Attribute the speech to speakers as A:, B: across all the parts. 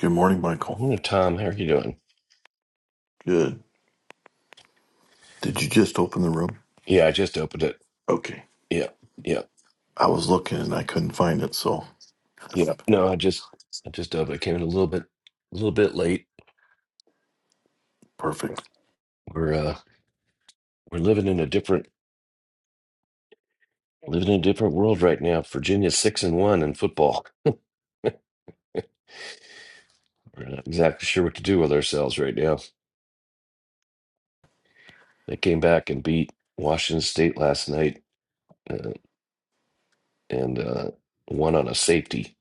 A: Good morning,
B: Good
A: Michael.
B: morning, Tom. How are you doing?
A: Good. Did you just open the room?
B: Yeah, I just opened it.
A: Okay.
B: Yeah, yeah,
A: I was looking and I couldn't find it, so
B: yeah. No, I just, I just opened. it. came in a little bit, a little bit late.
A: perfect.
B: We're, uh, we're living in a different, living in a different world right now. Virginia's six and one in football. We're not exactly sure what to do with ourselves right now. They came back and beat Washington State last night, uh, and uh, won on a safety.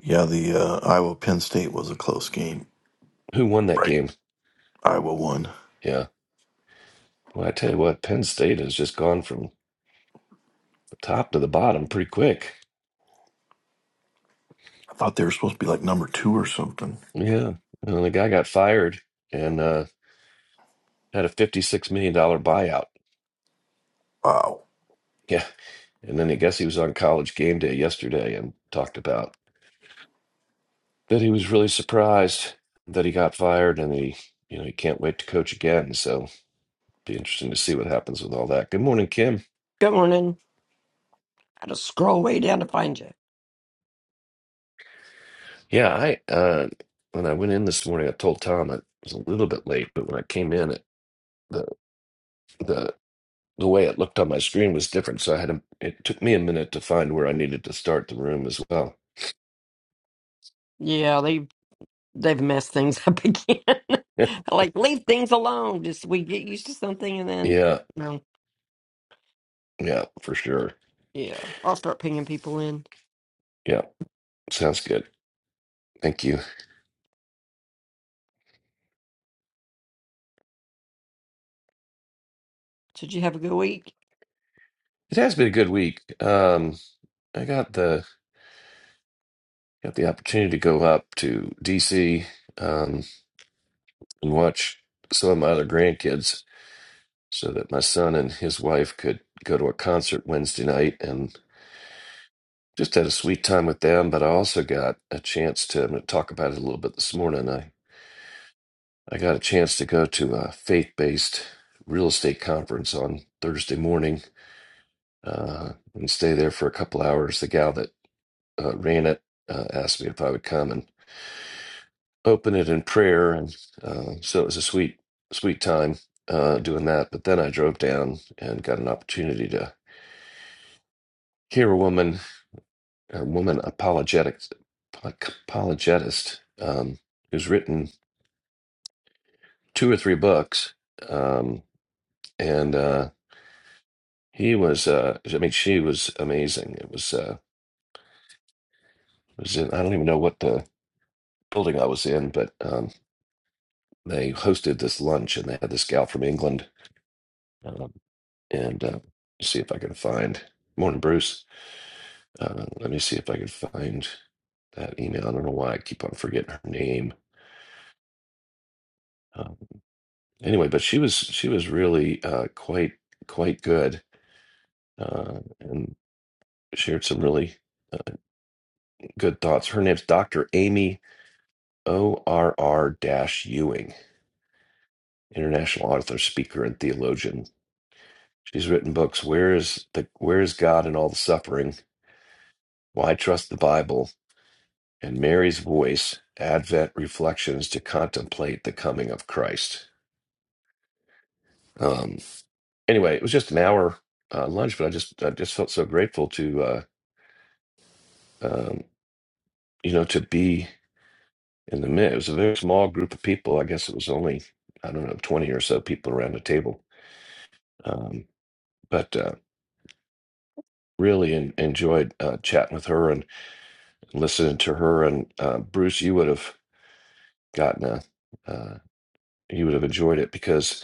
A: Yeah, the uh, Iowa Penn State was a close game.
B: Who won that
A: Right.
B: game?
A: Iowa won.
B: Yeah. Well, I tell you what, Penn State has just gone from the top to the bottom pretty quick.
A: I thought they were supposed to be like number two or something.
B: Yeah. And the guy got fired and uh, had a $56 million dollar buyout.
A: Wow.
B: Yeah. And then I guess he was on college game day yesterday and talked about that he was really surprised that he got fired and he, you know, he can't wait to coach again. So be interesting to see what happens with all that. Good morning, Kim.
C: Good morning. I had to scroll way down to find you.
B: Yeah. I, uh, when I went in this morning, I told Tom I was a little bit late, but when I came in, it, the, the, the way it looked on my screen was different. So I had, a, it took me a minute to find where I needed to start the room as well.
C: Yeah, they they've messed things up again. like leave things alone. Just we get used to something and then
B: Yeah,
C: no.
B: yeah, for sure.
C: Yeah, I'll start pinging people in.
B: Yeah, sounds good. Thank you.
C: Did you have a good week?
B: It has been a good week. Um, I got the got the opportunity to go up to DC um, and watch some of my other grandkids, so that my son and his wife could go to a concert Wednesday night, and just had a sweet time with them. But I also got a chance to. I'm going to talk about it a little bit this morning. I I got a chance to go to a faith based real estate conference on Thursday morning uh, and stay there for a couple hours. The gal that uh, ran it uh, asked me if I would come and open it in prayer, and uh, so it was a sweet, sweet time uh, doing that. But then I drove down and got an opportunity to hear a woman, a woman apologetic, apologetist, um, who's written two or three books, um, and uh, he was, uh, I mean, she was amazing. It was, uh, it was in, I don't even know what the building I was in, but. um, they hosted this lunch and they had this gal from England. Um, and uh, let's see if I can find. Morning, Bruce. Uh, let me see if I can find that email. I don't know why I keep on forgetting her name. Um, anyway, but she was she was really uh, quite quite good uh, and shared some really uh, good thoughts. Her name's Dr. Amy ORR Ewing, international author, speaker, and theologian. She's written books. Where is the Where is God in all the suffering? Why trust the Bible and Mary's voice, Advent reflections to contemplate the coming of Christ? Um, anyway, it was just an hour uh, lunch, but I just I just felt so grateful to uh, um, you know to be in the midst. It was a very small group of people. I guess it was only I don't know twenty or so people around the table, um, but uh, really en enjoyed uh, chatting with her and listening to her. And uh, Bruce, you would have gotten a uh, you would have enjoyed it because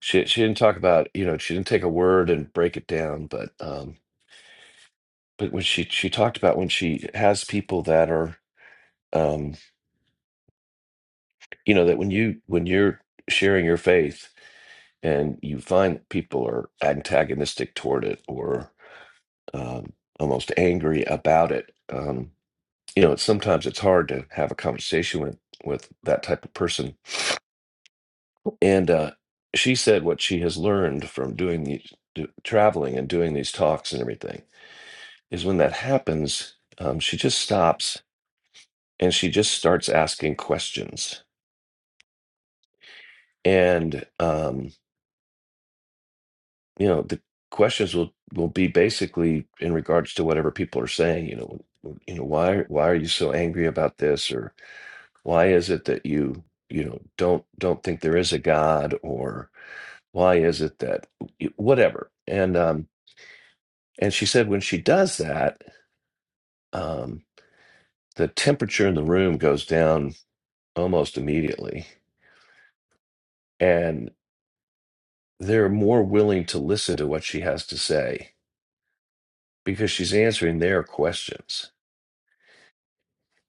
B: She she didn't talk about, you know, she didn't take a word and break it down, but um but when she she talked about when she has people that are um you know that when you when you're sharing your faith and you find that people are antagonistic toward it or um almost angry about it, um you know, it's sometimes it's hard to have a conversation with with that type of person. And uh she said what she has learned from doing the do, traveling and doing these talks and everything is when that happens, um, she just stops and she just starts asking questions. And um, you know, the questions will will be basically in regards to whatever people are saying. You know, you know, why why are you so angry about this, or why is it that you you know don't don't think there is a God, or why is it that whatever. And um, and she said when she does that, um, the temperature in the room goes down almost immediately and. they're more willing to listen to what she has to say because she's answering their questions.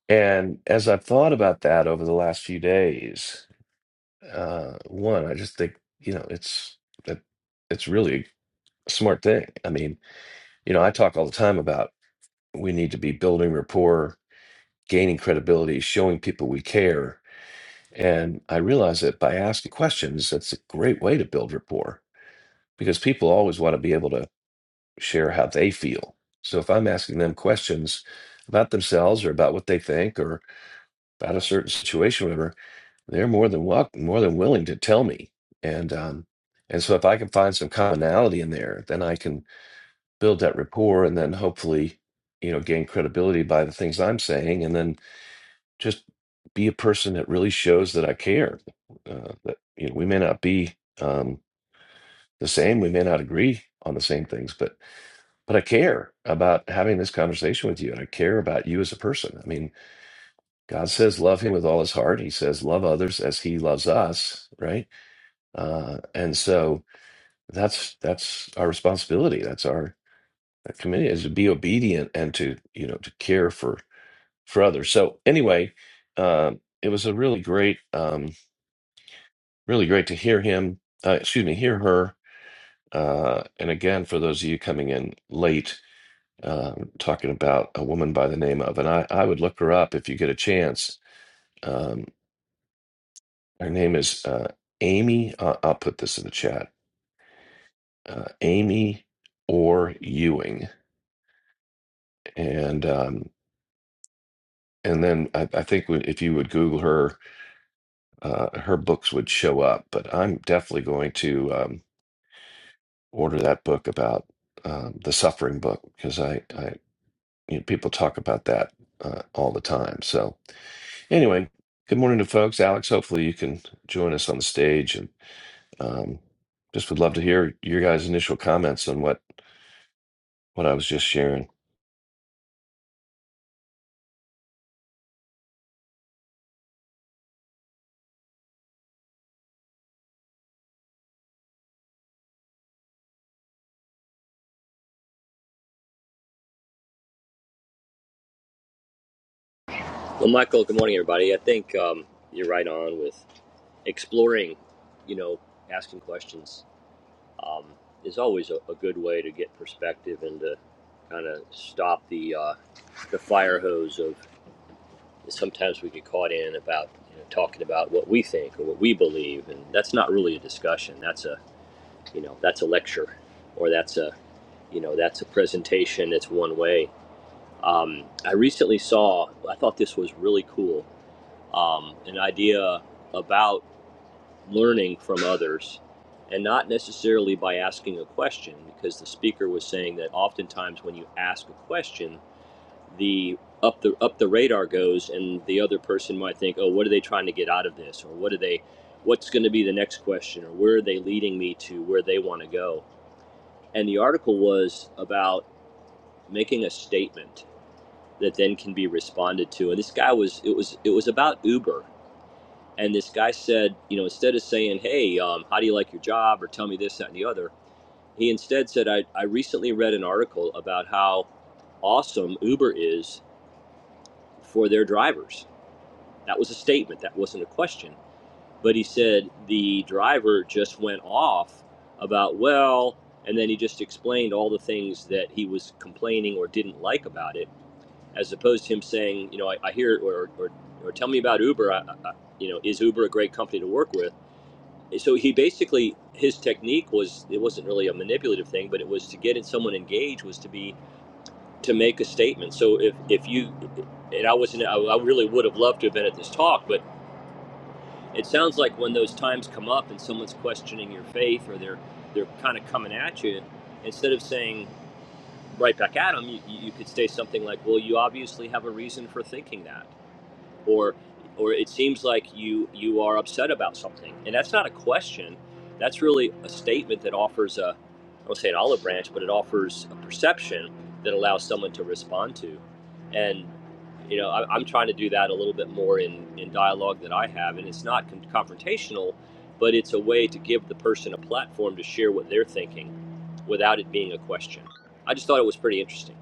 B: And as I've thought about that over the last few days, uh, one, I just think you know it's it, it's really a smart thing. I mean, you know, I talk all the time about we need to be building rapport, gaining credibility, showing people we care. And I realize that by asking questions, that's a great way to build rapport because people always want to be able to share how they feel. So if I'm asking them questions about themselves or about what they think or about a certain situation, or whatever, they're more than welcome, more than willing to tell me. And um, and so if I can find some commonality in there, then I can build that rapport and then hopefully, you know, gain credibility by the things I'm saying, and then just be a person that really shows that I care. Uh, that you know, we may not be um, the same, we may not agree on the same things, but but I care about having this conversation with you, and I care about you as a person. I mean, God says love Him with all His heart. He says love others as He loves us, right? Uh, and so that's that's our responsibility. That's our that commitment is to be obedient and to you know to care for for others. So anyway, uh, it was a really great, um, really great to hear him. Uh, excuse me, hear her. Uh, and again, for those of you coming in late, um, talking about a woman by the name of, and I, I would look her up if you get a chance. Um, her name is uh, Amy. Uh, I'll put this in the chat. Uh, Amy or Ewing, and um, and then I, I think we- if you would Google her, uh, her books would show up. But I'm definitely going to um, order that book about um, the suffering book because I, I you know, people talk about that uh, all the time. So Anyway, good morning to folks. Alex, hopefully you can join us on the stage, and um, just would love to hear your guys' initial comments on what what I was just sharing.
D: Well, Michael, good morning, everybody. I think um, you're right on with exploring, you know, asking questions um, is always a, a good way to get perspective and to kind of stop the uh, the fire hose of sometimes we get caught in about you know, talking about what we think or what we believe, and that's not really a discussion. That's a you know that's a lecture, or that's a you know that's a presentation. It's one way. Um, I recently saw. I thought this was really cool um, an idea about learning from others and not necessarily by asking a question because the speaker was saying that oftentimes when you ask a question the up the up the radar goes and the other person might think oh what are they trying to get out of this or what are they what's going to be the next question or where are they leading me to where they want to go and the article was about making a statement that then can be responded to and this guy was it was it was about uber And this guy said, you know, instead of saying, hey, um, how do you like your job or tell me this, that, and the other, he instead said, I, I recently read an article about how awesome Uber is for their drivers. That was a statement, that wasn't a question. But he said the driver just went off about, well, and then he just explained all the things that he was complaining or didn't like about it, as opposed to him saying, you know, I, I hear or, or, or tell me about Uber. I, I, you know, is Uber a great company to work with? so he basically his technique was it wasn't really a manipulative thing but it was to get someone engaged was to be to make a statement so if if you and i wasn't i, really would have loved to have been at this talk but it sounds like when those times come up and someone's questioning your faith or they're they're kind of coming at you instead of saying right back at them you, you could say something like well you obviously have a reason for thinking that or or it seems like you you are upset about something and that's not a question that's really a statement that offers a i won't say an olive branch but it offers a perception that allows someone to respond to and you know I, i'm trying to do that a little bit more in in dialogue that i have and it's not con- confrontational but it's a way to give the person a platform to share what they're thinking without it being a question i just thought it was pretty interesting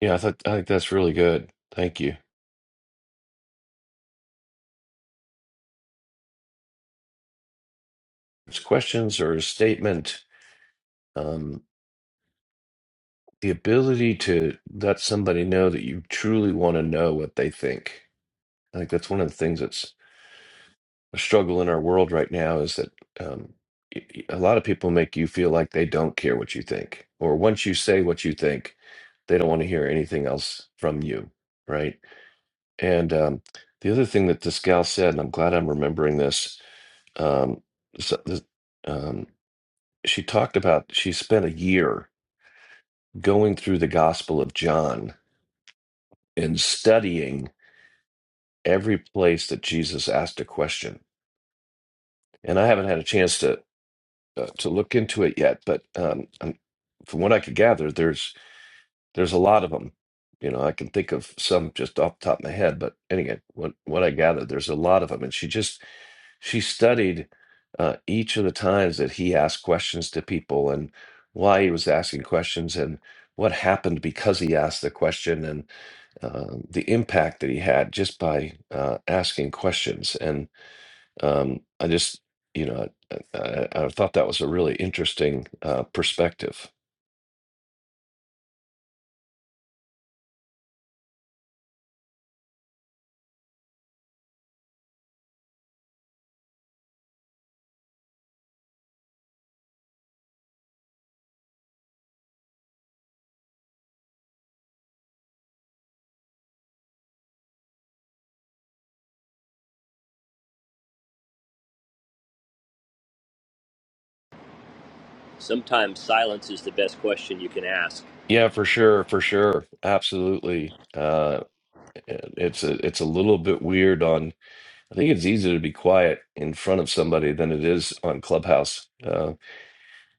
B: Yeah, I thought I think that's really good. Thank you. It's questions or a statement. Um, the ability to let somebody know that you truly want to know what they think. I think that's one of the things that's a struggle in our world right now is that um, y- y- a lot of people make you feel like they don't care what you think, or once you say what you think, they don't want to hear anything else from you, right? And um, the other thing that this gal said, and I'm glad I'm remembering this, um, so- this- um, she talked about she spent a year going through the Gospel of John and studying every place that Jesus asked a question. And I haven't had a chance to. uh, to look into it yet, but um, i from what I could gather, there's there's a lot of them. You know, I can think of some just off the top of my head, but anyway, what what I gathered, there's a lot of them, and she just she studied uh, each of the times that he asked questions to people and why he was asking questions and what happened because he asked the question and uh, the impact that he had just by uh, asking questions. and. Um, I just, you know, I, I, I thought that was a really interesting uh, perspective.
D: sometimes silence is the best question you can ask
B: Yeah, for sure, for sure, absolutely. Uh, it's a it's a little bit weird on. I think it's easier to be quiet in front of somebody than it is on Clubhouse. Uh,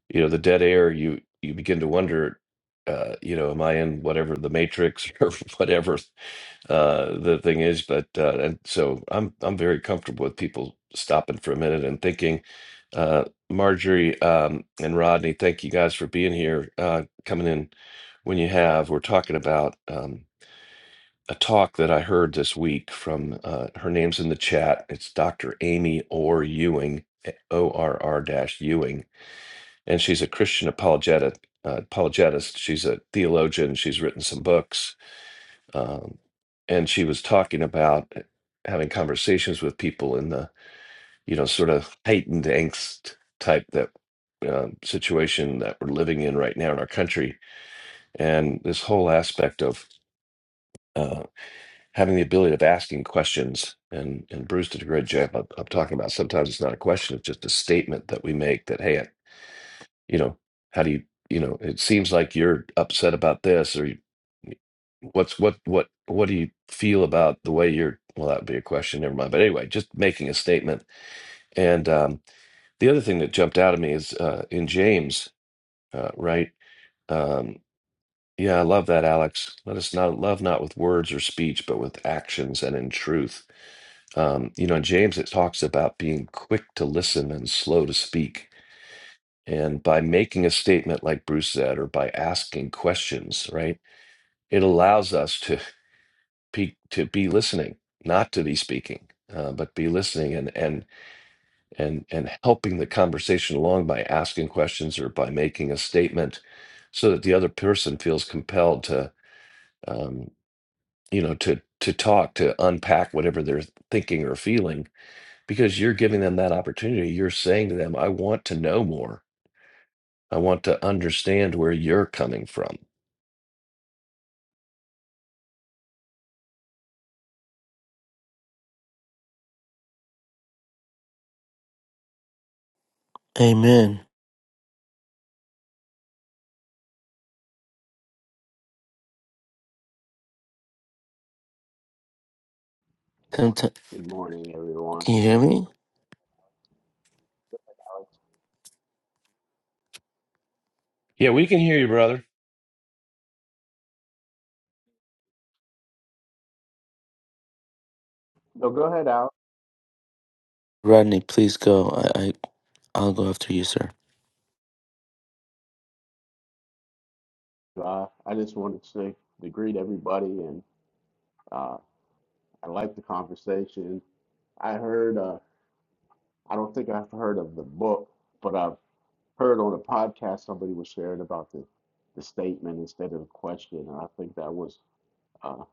B: you know, the dead air. You you begin to wonder. Uh, you know, am I in whatever the Matrix or whatever uh the thing is but uh and so i'm i'm very comfortable with people stopping for a minute and thinking uh marjorie um and rodney thank you guys for being here uh coming in when you have we're talking about um a talk that i heard this week from uh her name's in the chat it's dr amy orr ewing orr dash ewing and she's a christian apologetic uh, apologetist she's a theologian she's written some books um, and she was talking about eh, having conversations with people in the you know sort of heightened angst type that um, situation that we're living in right now in our country and this whole aspect of uh, having the ability of asking questions and and bruce did a great job of, of talking about sometimes it's not a question it's just a statement that we make that hey you know how do you you know it seems like you're upset about this or you, what's what what what do you feel about the way you're well that would be a question never mind but anyway just making a statement and um the other thing that jumped out at me is uh in james uh right um yeah i love that alex let us not love not with words or speech but with actions and in truth um you know in james it talks about being quick to listen and slow to speak And by making a statement like Bruce said, or by asking questions, right, it allows us to be, to be listening, not to be speaking, uh, but be listening and and and and helping the conversation along by asking questions or by making a statement, so that the other person feels compelled to, um, you know, to to talk, to unpack whatever they're thinking or feeling, because you're giving them that opportunity. You're saying to them, "I want to know more." I want to understand where you're coming from.
E: Amen. Um, t-
F: Good morning, everyone.
E: can you hear me?
B: Yeah, we can hear you, brother.
F: So go ahead, Al.
E: Rodney, please go. I, I, I'll go after you, sir.
F: Uh, I just wanted to say to greet everybody, and uh, I like the conversation. I heard, uh, I don't think I've heard of the book, but I've heard on a podcast somebody was sharing about the, the statement instead of the question, and I think that was uh,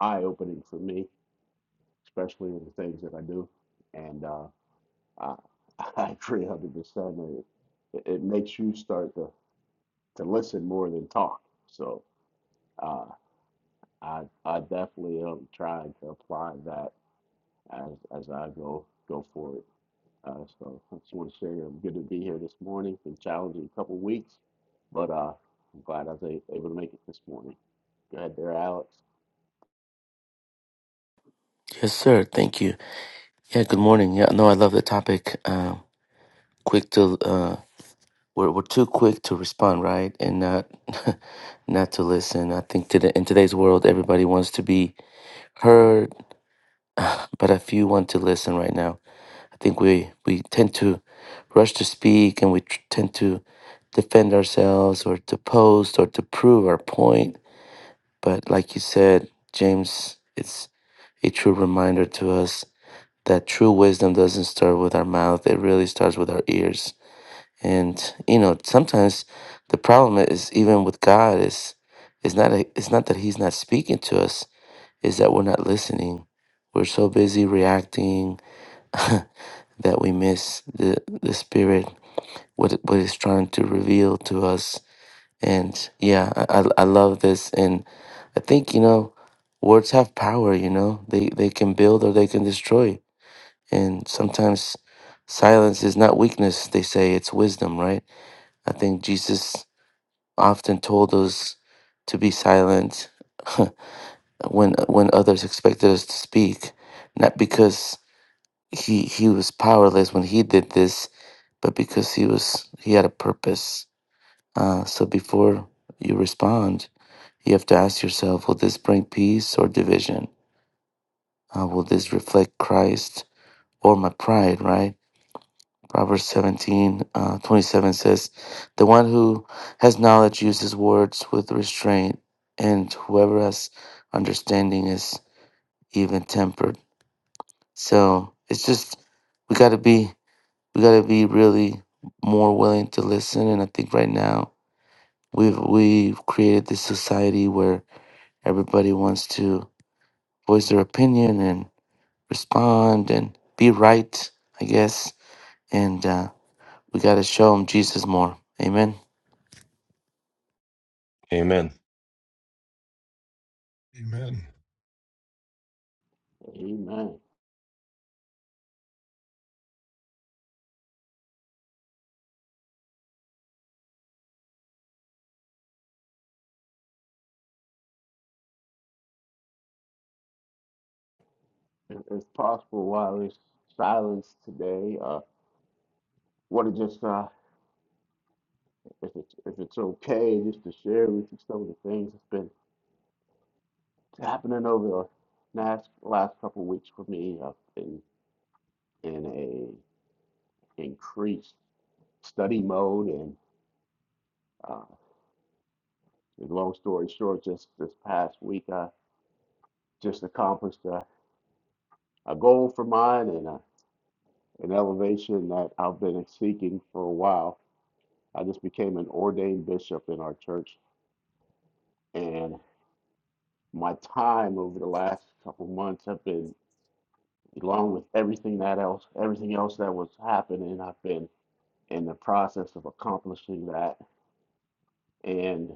F: eye-opening for me, especially in the things that I do. And uh, I, I agree 100%. It, it it makes you start to, to listen more than talk. So. Uh, I I definitely am trying to apply that as as I go go forward. Uh, so I just want to share. I'm good to be here this morning. Been challenging a couple weeks, but uh, I'm glad I was a- able to make it this morning. Go ahead there, Alex.
E: Yes, sir. Thank you. Yeah, good morning. Yeah, no, I love the topic. Um, quick to, uh, we're, we're too quick to respond, right? And not, not to listen. I think today, in today's world, everybody wants to be heard, but a few want to listen right now. I think we, we tend to rush to speak and we tr- tend to defend ourselves or to post or to prove our point But like you said, James, it's a true reminder to us that true wisdom doesn't start with our mouth, it really starts with our ears. And you know, sometimes the problem is even with God is it's not a, it's not that he's not speaking to us, is that we're not listening. We're so busy reacting that we miss the the spirit what it- what it's trying to reveal to us and yeah, I, I I love this. And I think, you know, words have power, you know, they, they can build or they can destroy. And sometimes silence is not weakness, they say it's wisdom, right? I think Jesus often told us to be silent when when others expected us to speak, not because he he was powerless when he did this, but because he was he had a purpose. Uh, so before you respond, You have to ask yourself will this bring peace or division? Uh, will this reflect Christ or my pride, right? Proverbs 17 uh, 27 says, The one who has knowledge uses words with restraint, and whoever has understanding is even tempered. So it's just, we got to be, we got to be really more willing to listen. And I think right now, We've, we've created this society where everybody wants to voice their opinion and. respond and be right, I guess. And uh, we got to show them Jesus more. Amen.
B: Amen.
G: Amen.
F: Amen. If if possible, while there's silence today, uh, want to just uh, if it's if it's okay, just to share with you some of the things that's been happening over the last last couple of weeks for me. I've been in a increase. study mode. And uh, long story short, just this past week, I just accomplished a, a goal for mine and a, an elevation that I've been seeking for a while. I just became an ordained bishop in our church, and my time over the last couple months have been, along with everything that else, everything else that was happening, I've been in the process of accomplishing that, and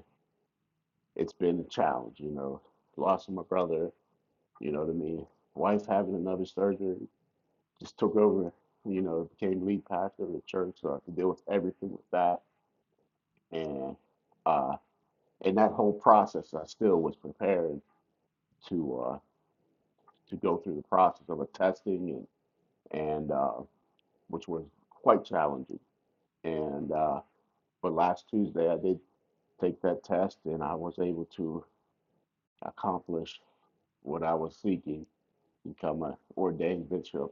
F: it's been a challenge. You know, lost my brother You know what I mean? Wife having another surgery just took over, you know, became lead pastor of the church, so I could deal with everything with that. And uh in that whole process I still was prepared to uh to go through the process of a testing and and uh which was quite challenging. And uh but last Tuesday I did take that test and I was able to accomplish what I was seeking, become an ordained bishop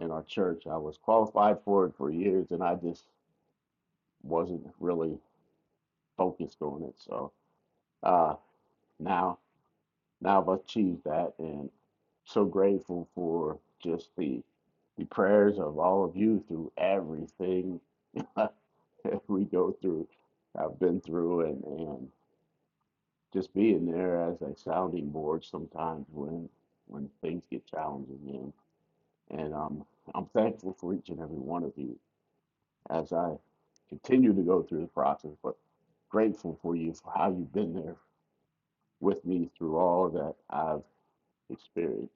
F: in our church. I was qualified for it for years, and I just wasn't really focused on it. So uh, now, now I've achieved that, and so grateful for just the the prayers of all of you through everything we go through. I've been through, and and just being there as a sounding board sometimes when when things get challenging, and and um, I'm thankful for each and every one of you as I continue to go through the process, but grateful for you for how you've been there with me through all that I've experienced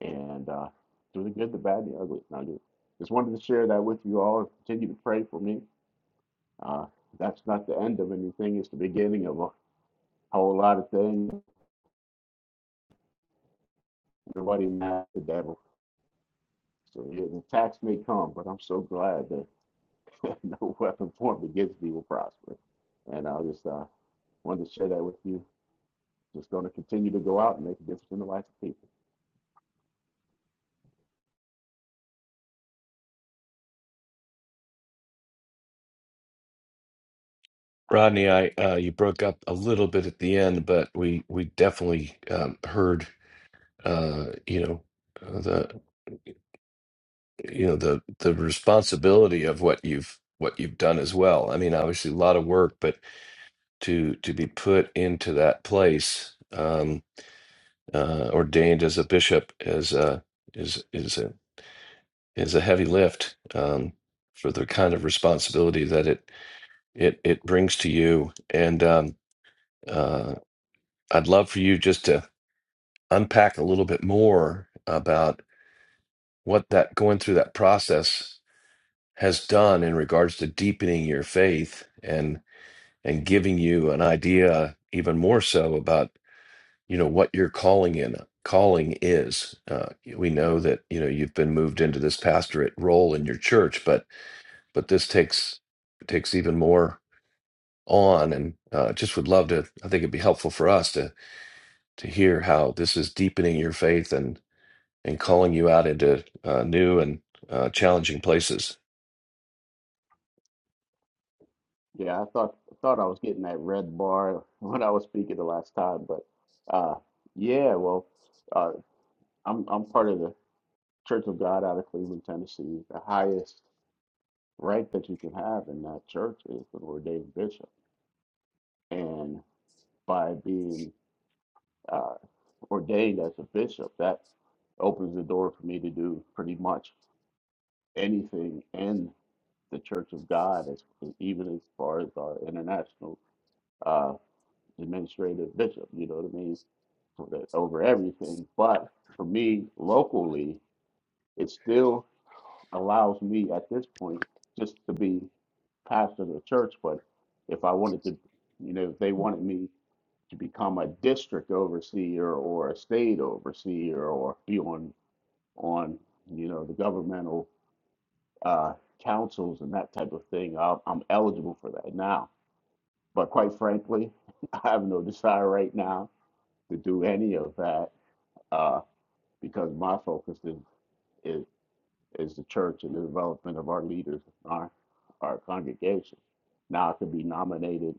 F: and uh, through the good, the bad, the ugly. And I just, just wanted to share that with you all and continue to pray for me. Uh, that's not the end of anything, it's the beginning of a whole lot of things. Nobody mad at the devil. So yeah, the attacks may come, but I'm so glad that no weapon formed against me will prosper. And i just uh, wanted to share that with you just going to continue to go out and make a difference in the lives of people.
B: Rodney, I uh, you broke up a little bit at the end, but we we definitely um, heard uh, you know uh, the. you know the the responsibility of what you've what you've done as well. I mean, obviously a lot of work, but to to be put into that place, um, uh, ordained as a bishop, is uh, is is a is a heavy lift um, for the kind of responsibility that it it it brings to you. And um, uh, I'd love for you just to unpack a little bit more about what that going through that process. has done in regards to deepening your faith and and giving you an idea even more so about you know what your calling in calling is uh, we know that you know you've been moved into this pastorate role in your church but but this takes takes even more on and uh, just would love to i think it'd be helpful for us to to hear how this is deepening your faith and and calling you out into uh, new and uh, challenging places
F: Yeah, I thought I thought I was getting that red bar when I was speaking the last time, but uh, yeah, well, uh, I'm I'm part of the Church of God out of Cleveland, Tennessee. The highest rank that you can have in that church is an ordained bishop, and by being uh, ordained as a bishop, that opens the door for me to do pretty much anything in the Church of God, as even as far as our international uh, administrative bishop, you know what I mean, for the, over everything. But for me, locally, it still allows me at this point just to be pastor of the church. But if I wanted to, you know, if they wanted me to become a district overseer or a state overseer or be on on you know the governmental uh, councils and that type of thing. I'll, I'm eligible for that now, but quite frankly, I have no desire right now to do any of that uh, because my focus is, is is the church and the development of our leaders, our our congregation. Now I could be nominated,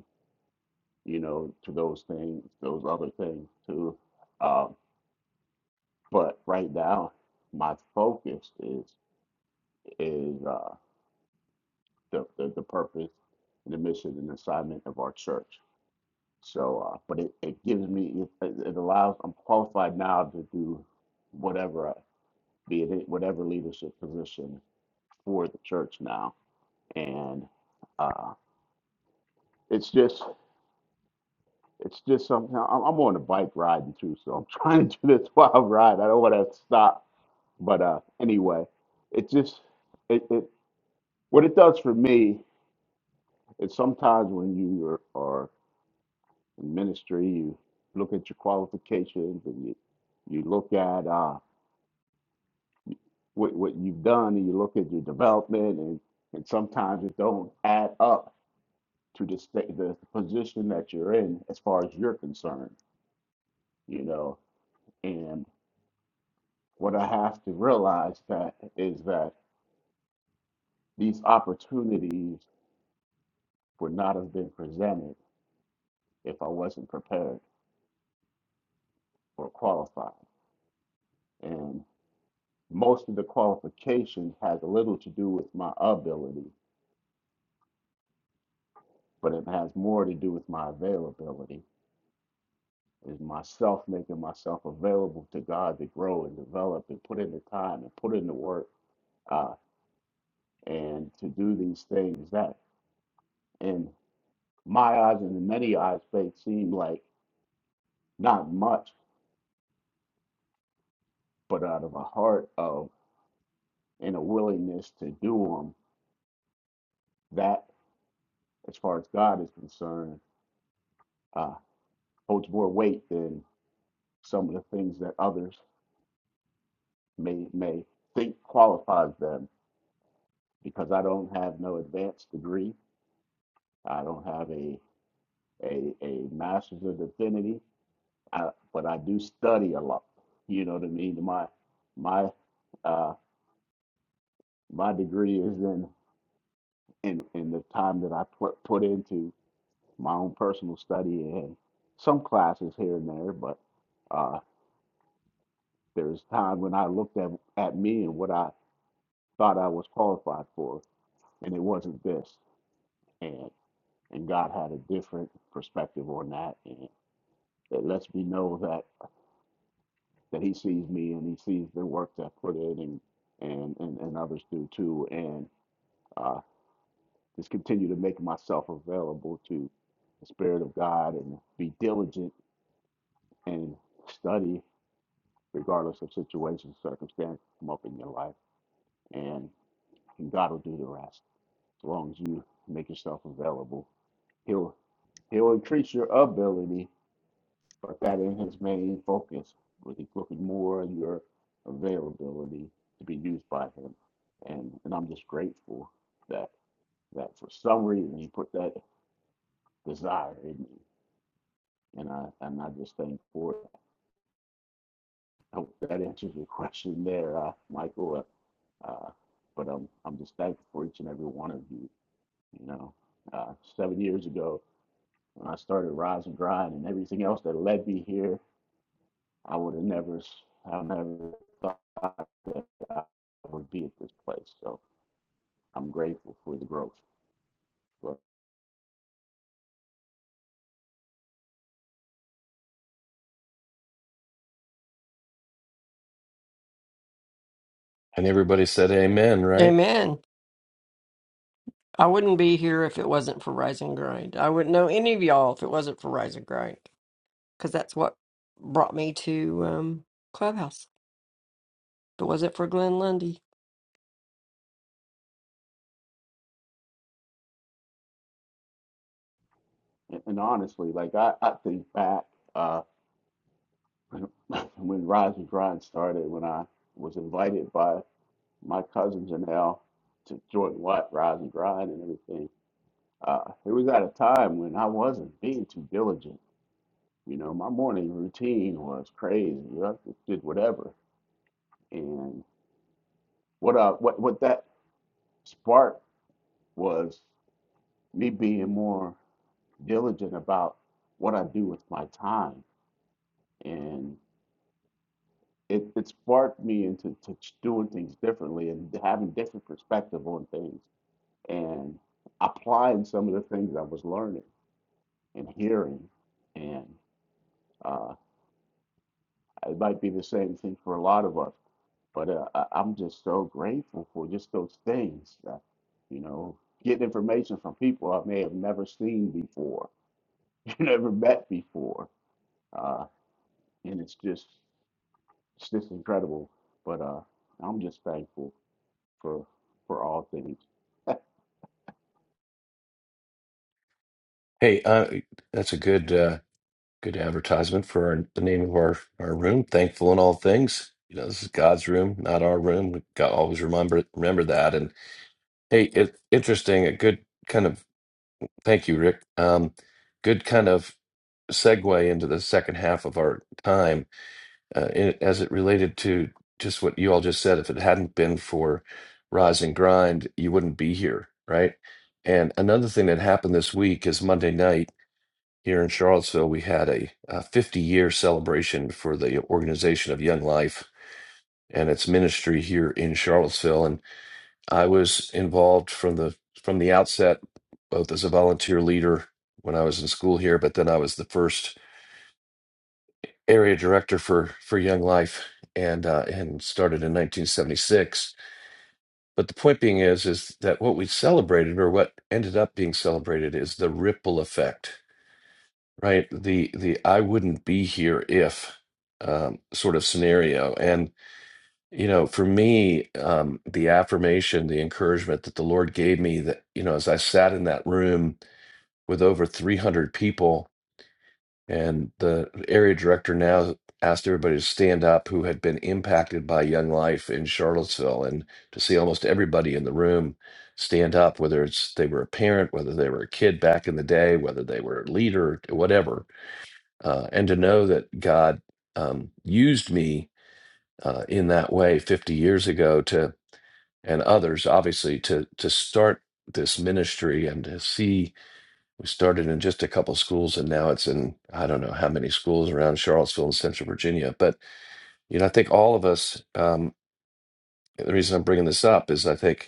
F: you know, to those things, those other things too. Uh, but right now, my focus is is uh, the, the the purpose, the mission, and assignment of our church. So, uh, but it, it gives me it, it allows I'm qualified now to do whatever be it in whatever leadership position for the church now. And uh, it's just it's just something. I'm, I'm on a bike riding too, so I'm trying to do this while I ride. I don't want to stop. But uh, anyway, it just it, it what it does for me is sometimes when you are, are in ministry, you look at your qualifications and you you look at uh, what what you've done and you look at your development and and sometimes it don't add up to the state, the position that you're in as far as you're concerned, you know. And what I have to realize that is that these opportunities would not have been presented if I wasn't prepared or qualified. And most of the qualification has little to do with my ability, but it has more to do with my availability. Is myself making myself available to God to grow and develop and put in the time and put in the work uh, and to do these things that in my eyes and in many eyes faith seem like not much but out of a heart of and a willingness to do them that as far as god is concerned uh, holds more weight than some of the things that others may may think qualifies them because i don't have no advanced degree i don't have a a, a master's of divinity I, but i do study a lot you know what i mean my my uh, My degree is in in, in the time that I put put into my own personal study and some classes here and there, but uh, there was time when I looked at at me and what I thought I was qualified for, and it wasn't this, and and God had a different perspective on that, and it lets me know that that He sees me and He sees the work that I put in, and and and, and others do too, and. uh, just continue to make myself available to the Spirit of God and be diligent and study regardless of situation, circumstance come up in your life. And God will do the rest. As long as you make yourself available. He'll he'll increase your ability, but that ain't his main focus. But He's looking more on your availability to be used by him. And and I'm just grateful that that for some reason he put that desire in me And I, and I just thank for it. I hope that answers your question there, uh, Michael. Uh, uh, but um, I'm just thankful for each and every one of you. You know, uh, seven years ago when I started Rise and Grind and everything else that led me here, I would have never, I never thought that I would be at this place. So I'm grateful for the growth. But,
B: and everybody said amen right?
C: Amen. I wouldn't be here if it wasn't for Rise and Grind. I wouldn't know any of y'all if it wasn't for Rise and Grind because that's what brought me to um, Clubhouse. If it wasn't for Glenn Lundy,
F: and, and honestly, like I, I think back uh, when when Rise and Grind started, when I was invited by my cousins and Al to join what Rise and Grind and everything. Uh, it was at a time when I wasn't being too diligent. You know, my morning routine was crazy. I just did whatever. And what uh, what what that sparked was me being more diligent about what I do with my time. And it, it sparked me into to ch- doing things differently and having different perspective on things and applying some of the things I was learning and hearing. And uh, it might be the same thing for a lot of us, but uh, I- I'm just so grateful for just those things. Uh, you know, getting information from people I may have never seen before, never met before, uh, and it's just it's just incredible. But uh, I'm just thankful for for all things.
B: Hey, uh, that's a good uh, good advertisement for our, the name of our, our room. Thankful in all things. You know, this is God's room, not our room. We got always remember remember that. And hey, it, interesting. A good kind of thank you, Rick. Um, good kind of segue into the second half of our time uh, in, as it related to just what you all just said. If it hadn't been for Rise and Grind, you wouldn't be here, right? And another thing that happened this week is Monday night here in Charlottesville, we had a, a 50 year celebration for the organization of Young Life and its ministry here in Charlottesville. And I was involved from the from the outset, both as a volunteer leader when I was in school here, but then I was the first area director for for Young Life and uh, and started in 1976. But the point being is is that what we celebrated or what ended up being celebrated is the ripple effect Right. The the I wouldn't be here if um, sort of scenario. And you know, for me, um, the affirmation, the encouragement that the Lord gave me that, you know, as I sat in that room with over 300 people and the area director now asked everybody to stand up who had been impacted by Young Life in Charlottesville and to see almost everybody in the room stand up, whether it's they were a parent, whether they were a kid back in the day, whether they were a leader, whatever uh, and to know that God um, used me uh, in that way 50 years ago to and others obviously to to start this ministry and to see we started in just a couple schools and now it's in I don't know how many schools around Charlottesville and Central Virginia but you know I think all of us um, the reason I'm bringing this up is I think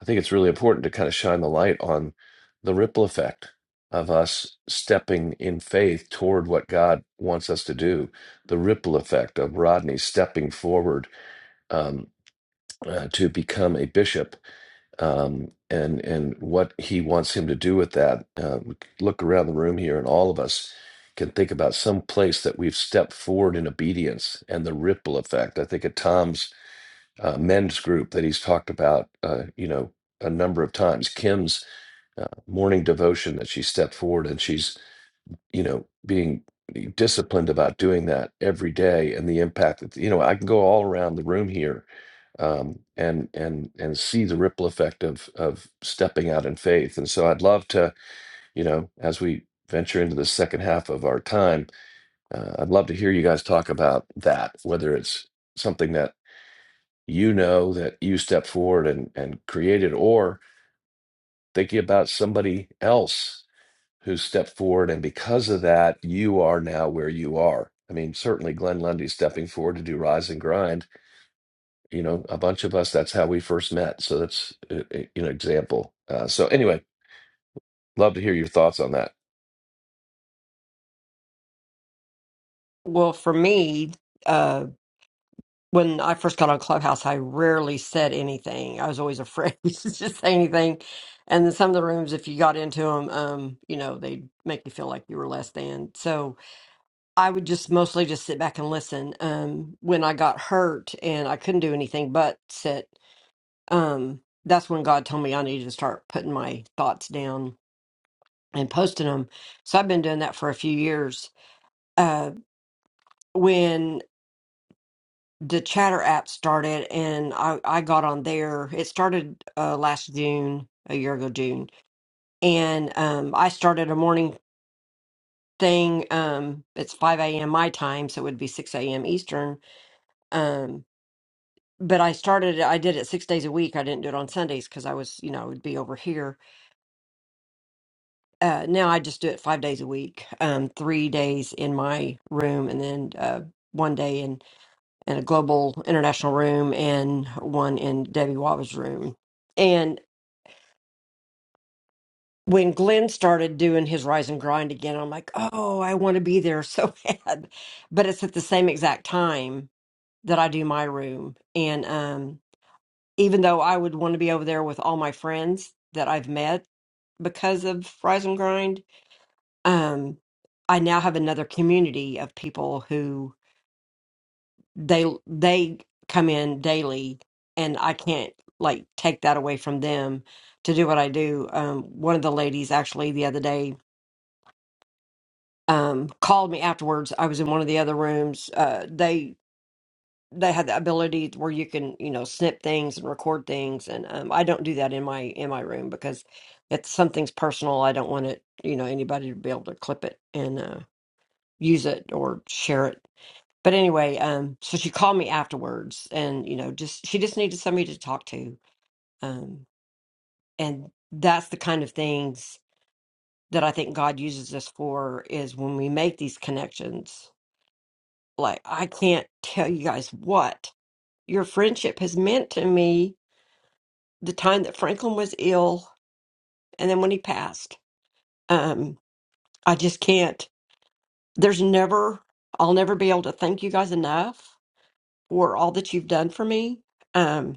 B: I think it's really important to kind of shine the light on the ripple effect of us stepping in faith toward what God wants us to do. The ripple effect of Rodney stepping forward um, uh, to become a bishop, um, and and what he wants him to do with that. Uh, we could look around the room here, and all of us can think about some place that we've stepped forward in obedience and the ripple effect. I think of Tom's uh, men's group that he's talked about, uh, you know, a number of times. Kim's uh, morning devotion that she stepped forward and she's, you know, being disciplined about doing that every day and the impact that, you know, I can go all around the room here um, and and and see the ripple effect of of stepping out in faith. And so I'd love to, you know, as we venture into the second half of our time, uh, I'd love to hear you guys talk about that, whether it's something that you know that you stepped forward and, and created, or thinking about somebody else who stepped forward. And because of that, you are now where you are. I mean, certainly Glenn Lundy stepping forward to do Rise and Grind, you know, a bunch of us, that's how we first met. So that's uh, uh, an example. Uh, so, anyway, love to hear your thoughts on that.
C: well, for me. when I first got on Clubhouse, I rarely said anything. I was always afraid to just say anything. And then some of the rooms, if you got into them, um, you know, they'd make you feel like you were less than. So I would just mostly just sit back and listen. Um, when I got hurt and I couldn't do anything but sit, um, that's when God told me I needed to start putting my thoughts down and posting them. So I've been doing that for a few years. Uh, when the chatter app started and I, I got on there. It started uh, last June, a year ago June. And um, I started a morning thing. Um, it's 5 a.m. my time, so it would be 6 a.m. Eastern. Um, but I started, I did it six days a week. I didn't do it on Sundays because I was, you know, I would be over here. Uh, now I just do it five days a week, um, three days in my room and then uh, one day in in a global international room and one in Debbie Waba's room. And when Glenn started doing his rise and grind again, I'm like, oh, I want to be there so bad. But it's at the same exact time that I do my room. And um, even though I would want to be over there with all my friends that I've met because of rise and grind, um, I now have another community of people who they they come in daily and I can't like take that away from them to do what I do. Um one of the ladies actually the other day um called me afterwards. I was in one of the other rooms. Uh they they had the ability where you can, you know, snip things and record things and um I don't do that in my in my room because if something's personal, I don't want it, you know, anybody to be able to clip it and uh use it or share it But anyway, um, so she called me afterwards, and you know, just she just needed somebody to talk to, um, and that's the kind of things that I think God uses us for is when we make these connections. Like I can't tell you guys what your friendship has meant to me. The time that Franklin was ill, and then when he passed, um, I just can't. There's never, I'll never be able to thank you guys enough for all that you've done for me. Um,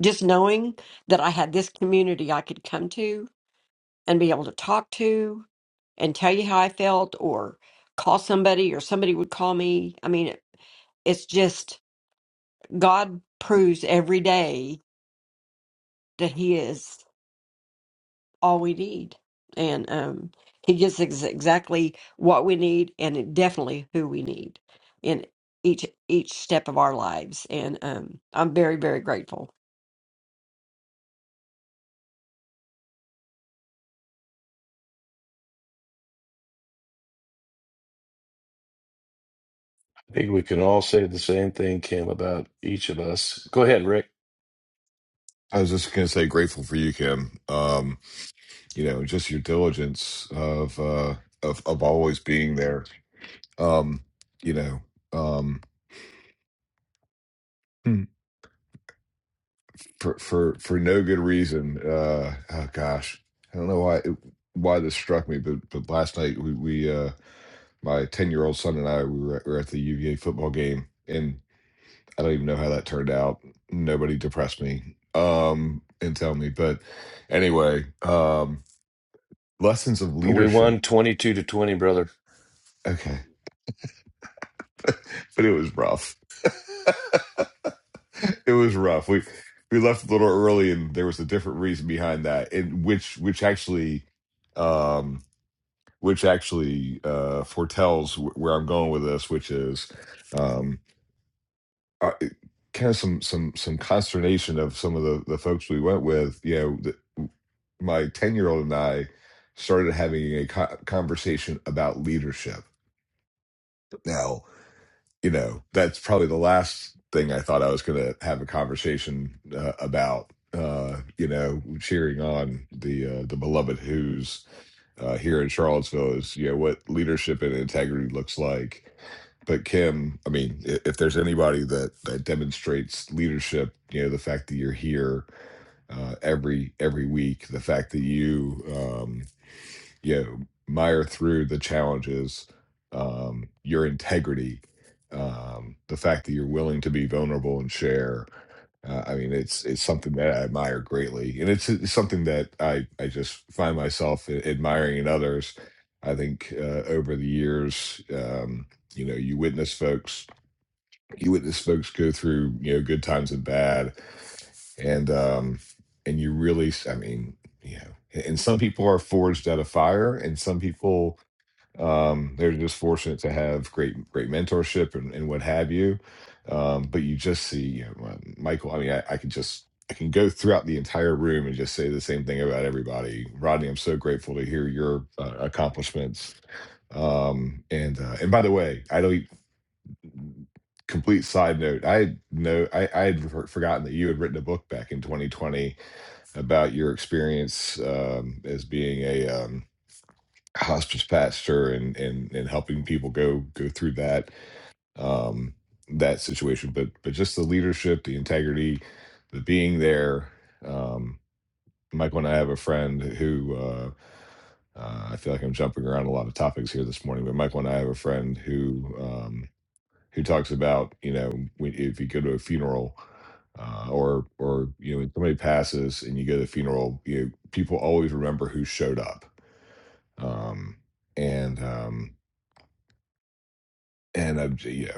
C: just knowing that I had this community I could come to and be able to talk to and tell you how I felt or call somebody or somebody would call me. I mean, it, it's just God proves every day that He is all we need. And um, He gives us exactly what we need and definitely who we need in each each step of our lives. And um, I'm very, very grateful.
B: I think we can all say the same thing, Kim, about each of us. Go ahead, Rick.
G: I was just going to say, grateful for you, Kim. Um, you know, just your diligence of uh, of of always being there. Um, you know, um, Hmm. for for for no good reason. Uh, oh gosh, I don't know why why this struck me, but but last night we we uh, my ten year old son and I we were, at, we were at the UVA football game, and I don't even know how that turned out. Nobody depressed me um, and tell me, but anyway. Um, lessons of
B: We
G: leadership.
B: won 22 to 20, brother.
G: Okay, but it was rough. it was rough. We we left a little early, and there was a different reason behind that, and which which actually, um, which actually uh, foretells wh- where I'm going with this, which is, um, uh, kind of some some some consternation of some of the the folks we went with. You know, the, my ten year old and I started having a co- conversation about leadership. Now you know, that's probably the last thing I thought I was going to have a conversation uh, about. Uh, you know, cheering on the uh, the beloved Who's uh, here in Charlottesville is you know what leadership and integrity looks like. But Kim, I mean, i- if there's anybody that that demonstrates leadership, you know, the fact that you're here uh, every every week, the fact that you um, you know, mire through the challenges, um, your integrity, um, the fact that you're willing to be vulnerable and share. Uh, I mean, it's it's something that I admire greatly, and it's, it's something that I I just find myself a- admiring in others. I think uh, over the years, um, you know, you witness folks, you witness folks go through you know good times and bad, and um and you really s- i mean yeah. a- and some people are forged out of fire and some people um they're just fortunate to have great great mentorship and, and what have you um but you just see you know, uh, michael i mean I, I could just i can go throughout the entire room and just say the same thing about everybody rodney i'm so grateful to hear your uh, accomplishments um and uh, and by the way i don't complete side note i know i i had for- forgotten that you had written a book back in 2020 about your experience um as being a um hospice pastor and and and helping people go go through that um that situation but but just the leadership the integrity the being there um michael and i have a friend who uh uh, I feel like I'm jumping around a lot of topics here this morning, but Michael and I have a friend who um, who talks about you know when, if you go to a funeral uh, or or you know when somebody passes and you go to the funeral, you know, people always remember who showed up, um, and um, and uh, you know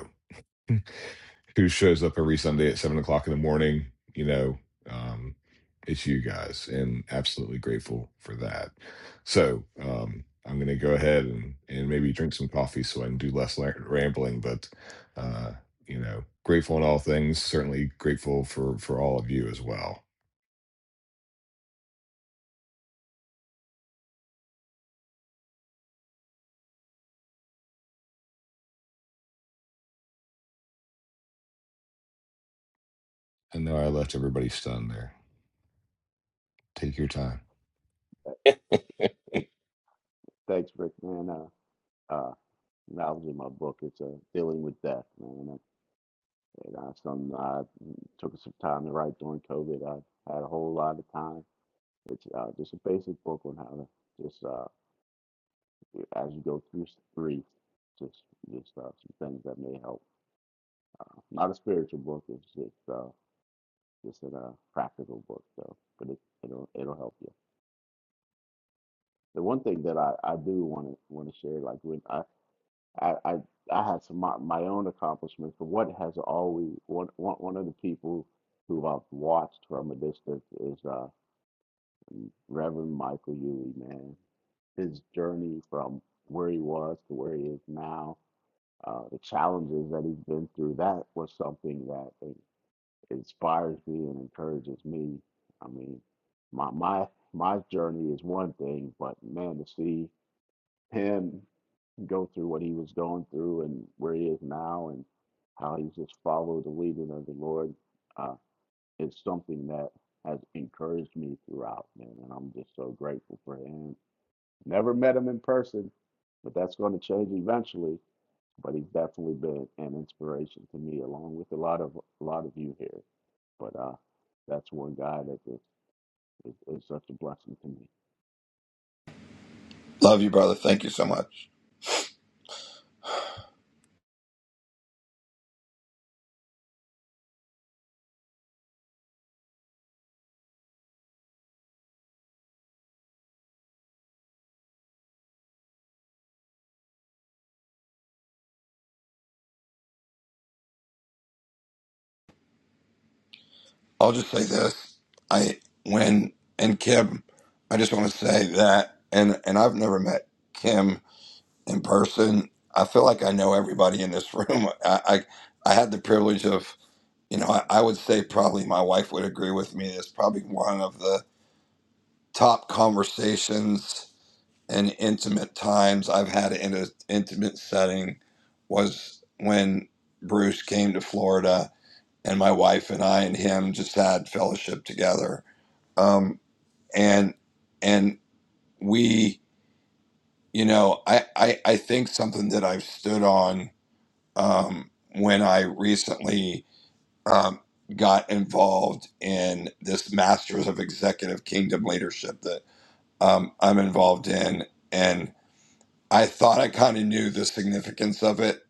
G: who shows up every Sunday at seven o'clock in the morning. You know, um, it's you guys, and absolutely grateful for that. So um, I'm going to go ahead and and maybe drink some coffee so I can do less la- rambling. But uh, you know, grateful in all things. Certainly grateful for for all of you as well. I know I left everybody stunned there. Take your time.
F: Uh, It, thanks, Rick, man. Uh, uh, that was in my book. It's uh, dealing with death, man. And that's something I took some time to write during COVID. I had a whole lot of time. It's uh, just a basic book on how to just uh, as you go through grief, just just uh, some things that may help. Uh, not a spiritual book. It's just uh, just in a uh, practical book though, but it, it'll it'll help you. The one thing that I, I do want to want to share, like when I I, I, I had some my, my own accomplishments, but what has always one one one of the people who I've watched from a distance is uh Reverend Michael Huey, man. His journey from where he was to where he is now, uh, the challenges that he's been through, that was something that inspires me and encourages me. I mean, my my my journey is one thing, but man, to see him go through what he was going through and where he is now and how he's just followed the leading of the Lord, uh, it's something that has encouraged me throughout, man, and I'm just so grateful for him Never met him in person, but that's going to change eventually. But he's definitely been an inspiration to me, along with a lot of a lot of you here. But uh, that's one guy that is, is, is such a blessing to me.
H: Love you, brother. Thank you so much. I'll just say this. I when and Kim, I just want to say that and and I've never met Kim in person. I feel like I know everybody in this room. I I, I had the privilege of you know, I, I would say probably my wife would agree with me. It's probably one of the top conversations and intimate times I've had in an intimate setting was when Bruce came to Florida and my wife and I and him just had fellowship together. Um, and and we, you know, I, I I think something that I've stood on um, when I recently um, got involved in this Masters of Executive Kingdom Leadership that um, I'm involved in, and I thought I kind of knew the significance of it.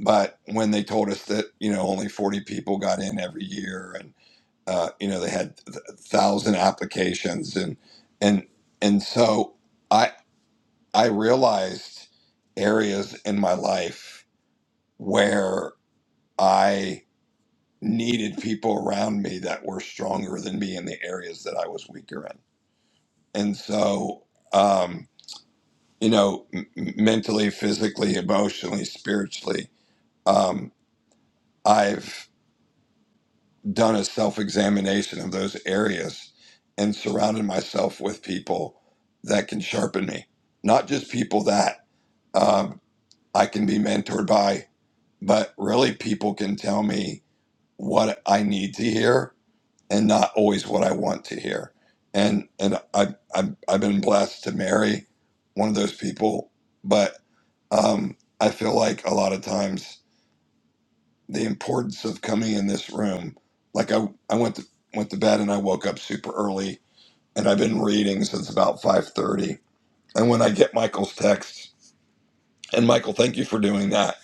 H: But when they told us that you know only 40 people got in every year and. uh, you know they had a thousand applications and and and so i i realized areas in my life where i needed people around me that were stronger than me in the areas that i was weaker in and so um you know m- mentally physically emotionally spiritually um i've done a self examination of those areas and surrounded myself with people that can sharpen me. Not just people that um, I can be mentored by, but really people can tell me what I need to hear and not always what I want to hear. And and I, I've, I've been blessed to marry one of those people, but um, I feel like a lot of times the importance of coming in this room. Like I, I went to, went to bed and I woke up super early, and I've been reading since about five thirty. And when I get Michael's text, and Michael, thank you for doing that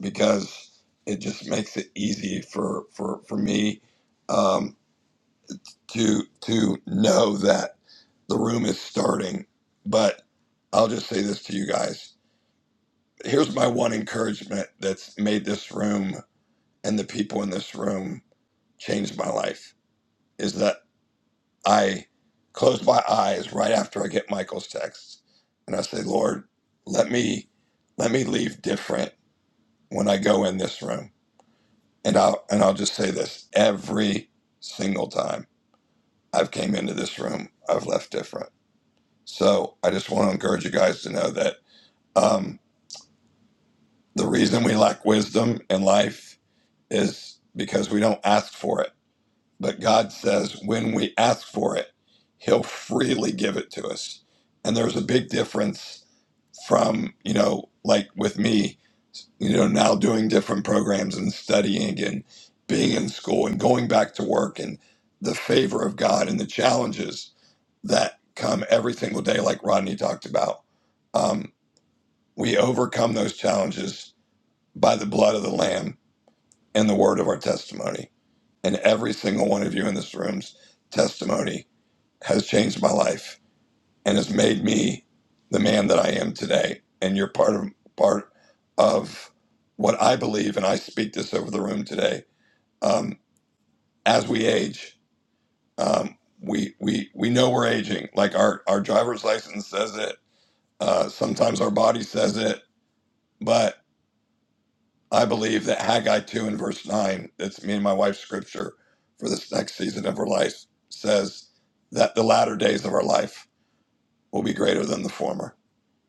H: because it just makes it easy for for for me um, to to know that the room is starting. But I'll just say this to you guys. Here's my one encouragement that's made this room and the people in this room change my life is that I close my eyes right after I get Michael's text and I say, Lord, let me let me leave different when I go in this room. And I'll and I'll just say this every single time I've came into this room, I've left different. So I just want to encourage you guys to know that um, the reason we lack wisdom in life is because we don't ask for it But God says when we ask for it, He'll freely give it to us. And there's a big difference from, you know, like with me, you know, now doing different programs and studying and being in school and going back to work and the favor of God and the challenges that come every single day, like Rodney talked about. Um, we overcome those challenges by the blood of the Lamb and the word of our testimony. And every single one of you in this room's testimony has changed my life and has made me the man that I am today. And you're part of part of what I believe, and I speak this over the room today. Um, as we age, um, we we we know we're aging. Like our our driver's license says it. Uh, sometimes our body says it, but I believe that Haggai two and verse nine. That's me and my wife's scripture for this next season of her life. Says that the latter days of our life will be greater than the former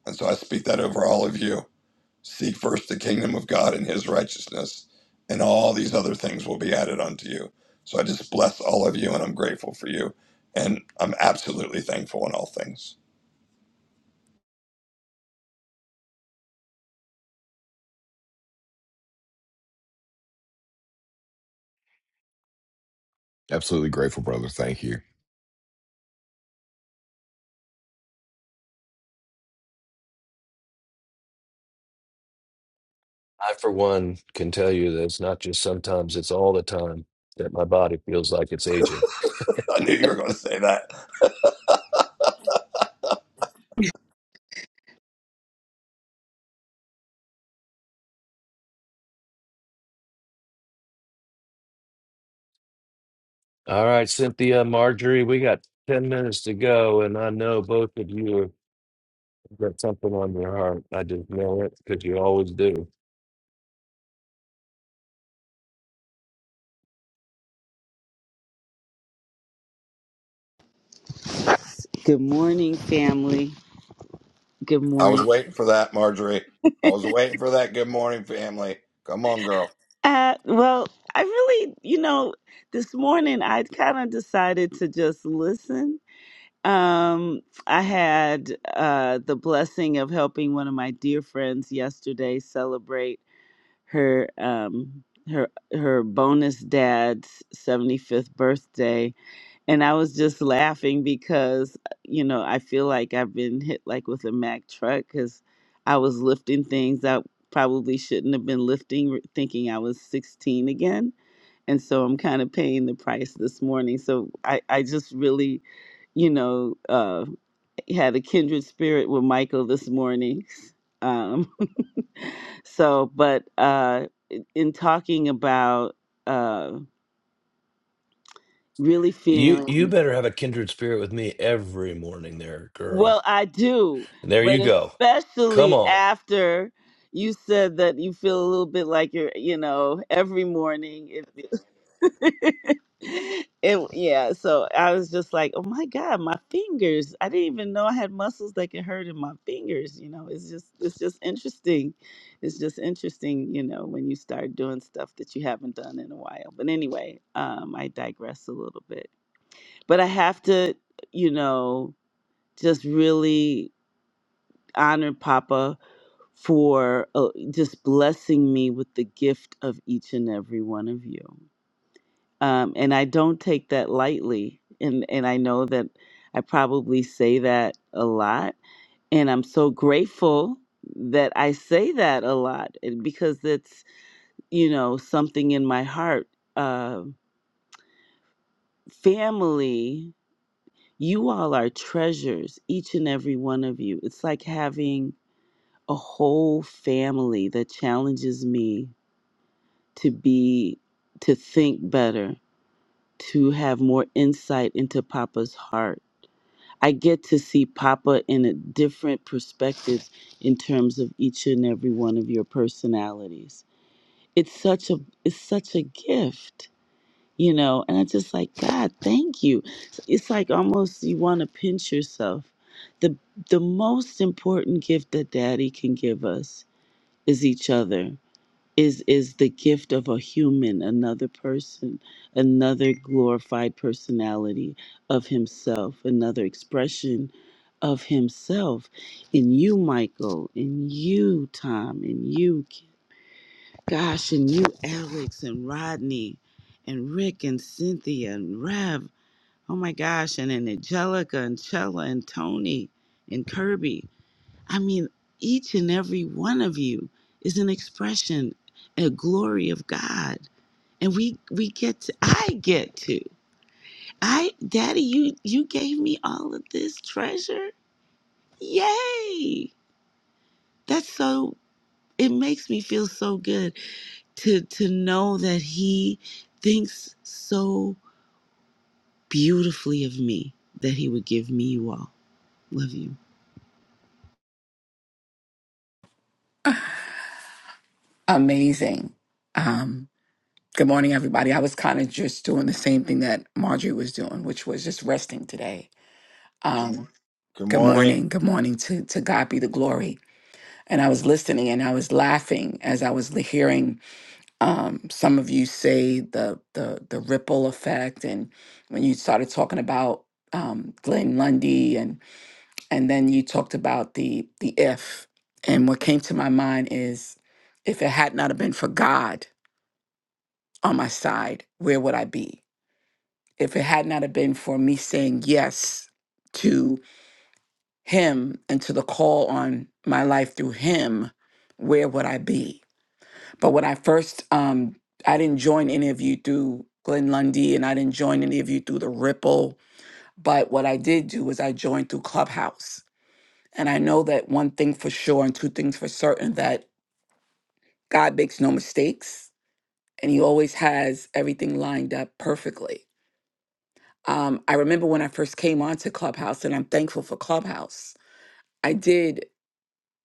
H: And so I speak that over all of you. Seek first the kingdom of God and his righteousness, and all these other things will be added unto you. So I just bless all of you, and I'm grateful for you. And I'm absolutely thankful in all things.
G: Absolutely grateful, brother. Thank you.
B: I, for one, can tell you that it's not just sometimes, it's all the time that my body feels like it's aging.
H: I knew you were going to say that.
B: All right, Cynthia, Marjorie, we got 10 minutes to go, and I know both of you have got something on your heart. I just know it because you always do.
I: Good morning, family. Good
H: I was
I: morning.
H: waiting for that, Marjorie. I was waiting for that. Good morning, family. Come on, girl.
I: Uh, well, I really, you know, this morning I kind of decided to just listen. Um, I had uh, the blessing of helping one of my dear friends yesterday celebrate her um, her her bonus dad's seventy fifth birthday, And I was just laughing because, uh, you know, I feel like I've been hit like with a Mack truck because I was lifting things I probably shouldn't have been lifting, r- thinking I was 16 again. And so I'm kind of paying the price this morning. So I, I just really, you know, uh, had a kindred spirit with Michael this morning. Um, so, but uh, in in talking about uh, really
B: You
I: feeling.
B: you better have a kindred spirit with me every morning there,
I: Well,
B: girl.
I: I do,
B: And there you
I: but
B: go. Come
I: especially
B: on.
I: after you said that you feel a little bit like you're, you know, every morning. It, it yeah. So I was just like, oh my god, my fingers! I didn't even know I had muscles that could hurt in my fingers. You know, it's just, it's just interesting. It's just interesting, you know, when you start doing stuff that you haven't done in a while. But anyway, um, I digress a little bit. But I have to, you know, just really honor Papa for uh, just blessing me with the gift of each and every one of you. Um, and I don't take that lightly. And, and I know that I probably say that a lot. And I'm so grateful that I say that a lot and because it's, you know, something in my heart. Uh, family, you all are treasures, each and every one of you. It's like having a whole family that challenges me to be to think better to have more insight into papa's heart i get to see papa in a different perspective in terms of each and every one of your personalities it's such a it's such a gift you know and i just like god thank you it's like almost you want to pinch yourself the the most important gift that daddy can give us is each other is is the gift of a human another person another glorified personality of himself another expression of himself in you michael in you tom in you gosh in you alex and rodney and rick and cynthia and rev oh my gosh and in angelica and chella and tony and kirby I mean, each and every one of you is an expression, a glory of God. And we we get to I get to. I Daddy, you you gave me all of this treasure. Yay! That's so it makes me feel so good to to know that he thinks so beautifully of me that he would give me you all. Love you.
J: amazing. Um, good morning, everybody. I was kind of just doing the same thing that Marjorie was doing, which was just resting today. Um,
H: Good
J: good
H: morning.
J: morning. Good morning to, to God be the glory. And I was listening and I was laughing as I was hearing um, some of you say the, the, the ripple effect. And when you started talking about um, Glenn Lundy and, and then you talked about the, the if. And what came to my mind is if it had not have been for God, on my side, where would I be? If it had not have been for me saying yes to him and to the call on my life through him, where would I be? But when I first, um, I didn't join any of you through Glenn Lundy and I didn't join any of you through the Ripple. But what I did do was I joined through Clubhouse. And I know that one thing for sure and two things for certain that God makes no mistakes and he always has everything lined up perfectly. Um, I remember when I first came onto Clubhouse, and I'm thankful for Clubhouse. I did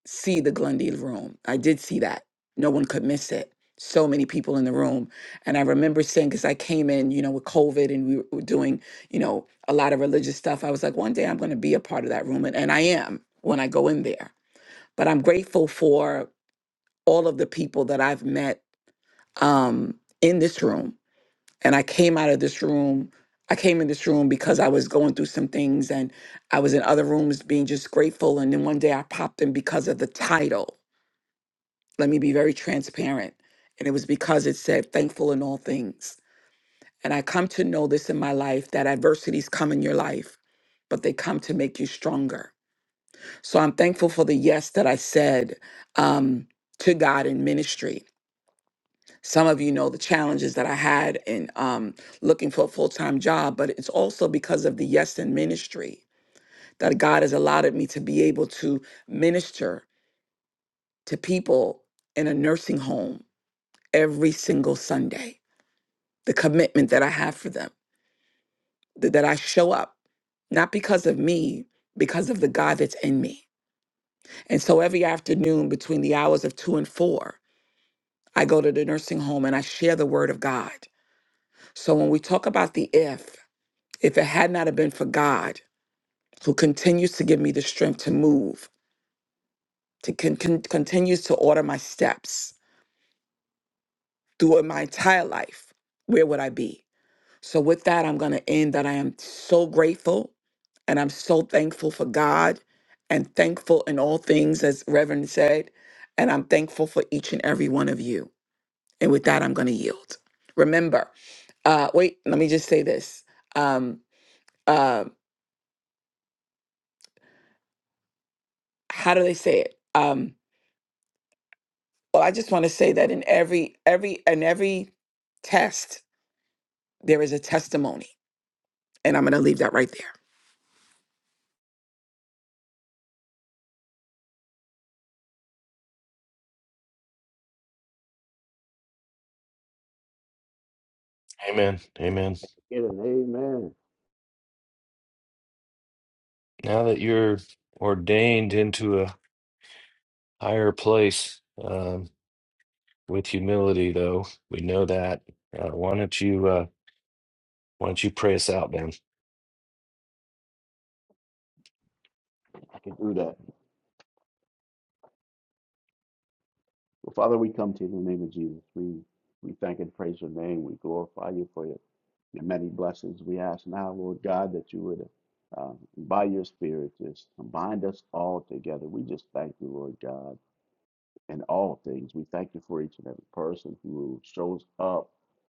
J: see the Glendale room. I did see that. No one could miss it. So many people in the room. And I remember saying, because I came in, you know, with COVID and we were doing, you know, a lot of religious stuff. I was like, one day I'm going to be a part of that room. And, and I am when I go in there. But I'm grateful for all of the people that I've met um, in this room and I came out of this room. I came in this room because I was going through some things and I was in other rooms being just grateful. And then one day I popped in because of the title. Let me be very transparent. And it was because it said thankful in all things. And I come to know this in my life that adversities come in your life, but they come to make you stronger. So I'm thankful for the yes that I said um, to God in ministry. Some of you know the challenges that I had in um, looking for a full time job, but it's also because of the Yes in ministry that God has allowed me to be able to minister to people in a nursing home every single Sunday. The commitment that I have for them, th- that I show up, not because of me, because of the God that's in me. And so every afternoon between the hours of two and four, I go to the nursing home and I share the word of God. So when we talk about the if, If it had not have been for God, who continues to give me the strength to move, to con- con- continues to order my steps through my entire life, where would I be? So with that, I'm going to end that I am so grateful and I'm so thankful for God and thankful in all things, as Reverend said, and I'm thankful for each and every one of you. And with that, I'm going to yield. Remember, uh, wait, let me just say this. Um, uh, how do they say it? Um, Well, I just want to say that in every every in every test there is a testimony, and I'm going to leave that right
B: Amen. Amen.
F: Get an amen.
B: Now that you're ordained into a higher place, um, with humility, though, we know that. Uh, why don't you uh, why don't you pray us out, man?
F: I can do that. Well, Father, we come to you in the name of Jesus. We we thank and praise your name. We glorify you for your, your many blessings. We ask now, Lord God, that you would, uh, by your Spirit, just bind us all together. We just thank you, Lord God in all things. We thank you for each and every person who shows up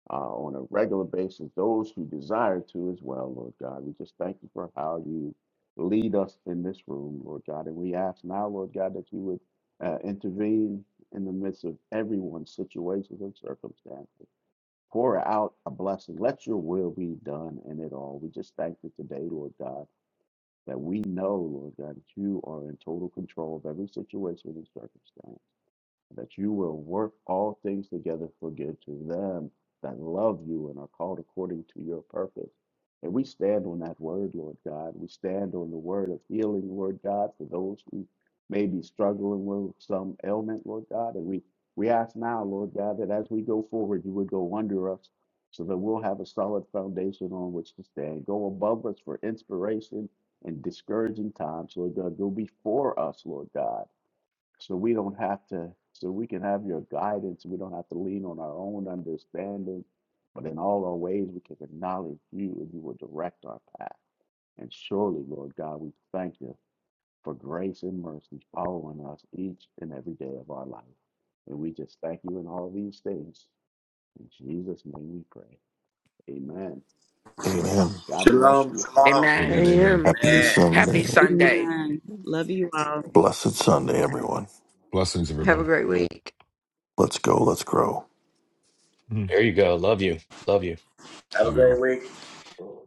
F: uh, on a regular basis, those who desire to as well, Lord God. We just thank you for how you lead us in this room, Lord God. And we ask now, Lord God, that you would uh, intervene in the midst of everyone's situations and circumstances. Pour out a blessing. Let your will be done in it all. We just thank you today, Lord God, that we know, Lord God, that you are in total control of every situation and circumstance that you will work all things together for good to them that love you and are called according to your purpose. And we stand on that word, Lord God. We stand on the word of healing, Lord God, for those who may be struggling with some ailment, Lord God. And we, we ask now, Lord God, that as we go forward, you would go under us so that we'll have a solid foundation on which to stand. Go above us for inspiration and discouraging times, Lord God. Go before us, Lord God so we don't have to, so we can have your guidance. We don't have to lean on our own understanding, but in all our ways, we can acknowledge you and you will direct our path. And surely, Lord God, we thank you for grace and mercy following us each and every day of our life. And we just thank you in all these things. In Jesus' name we pray. Amen.
A: Amen.
F: God bless
H: Shalom.
F: you
J: there.
F: all.
H: shalom.
C: I
J: Amen.
G: Amen. Amen.
C: am.
A: Happy
J: Happy
A: Sunday.
J: Sunday.
I: Amen. Love you all.
A: Blessed Sunday, everyone.
G: Blessings,
C: Have a
G: everybody.
C: great week.
A: Let's go. Let's grow.
G: Mhm.
B: There you go. Love you. Love
G: Love you all.
B: you.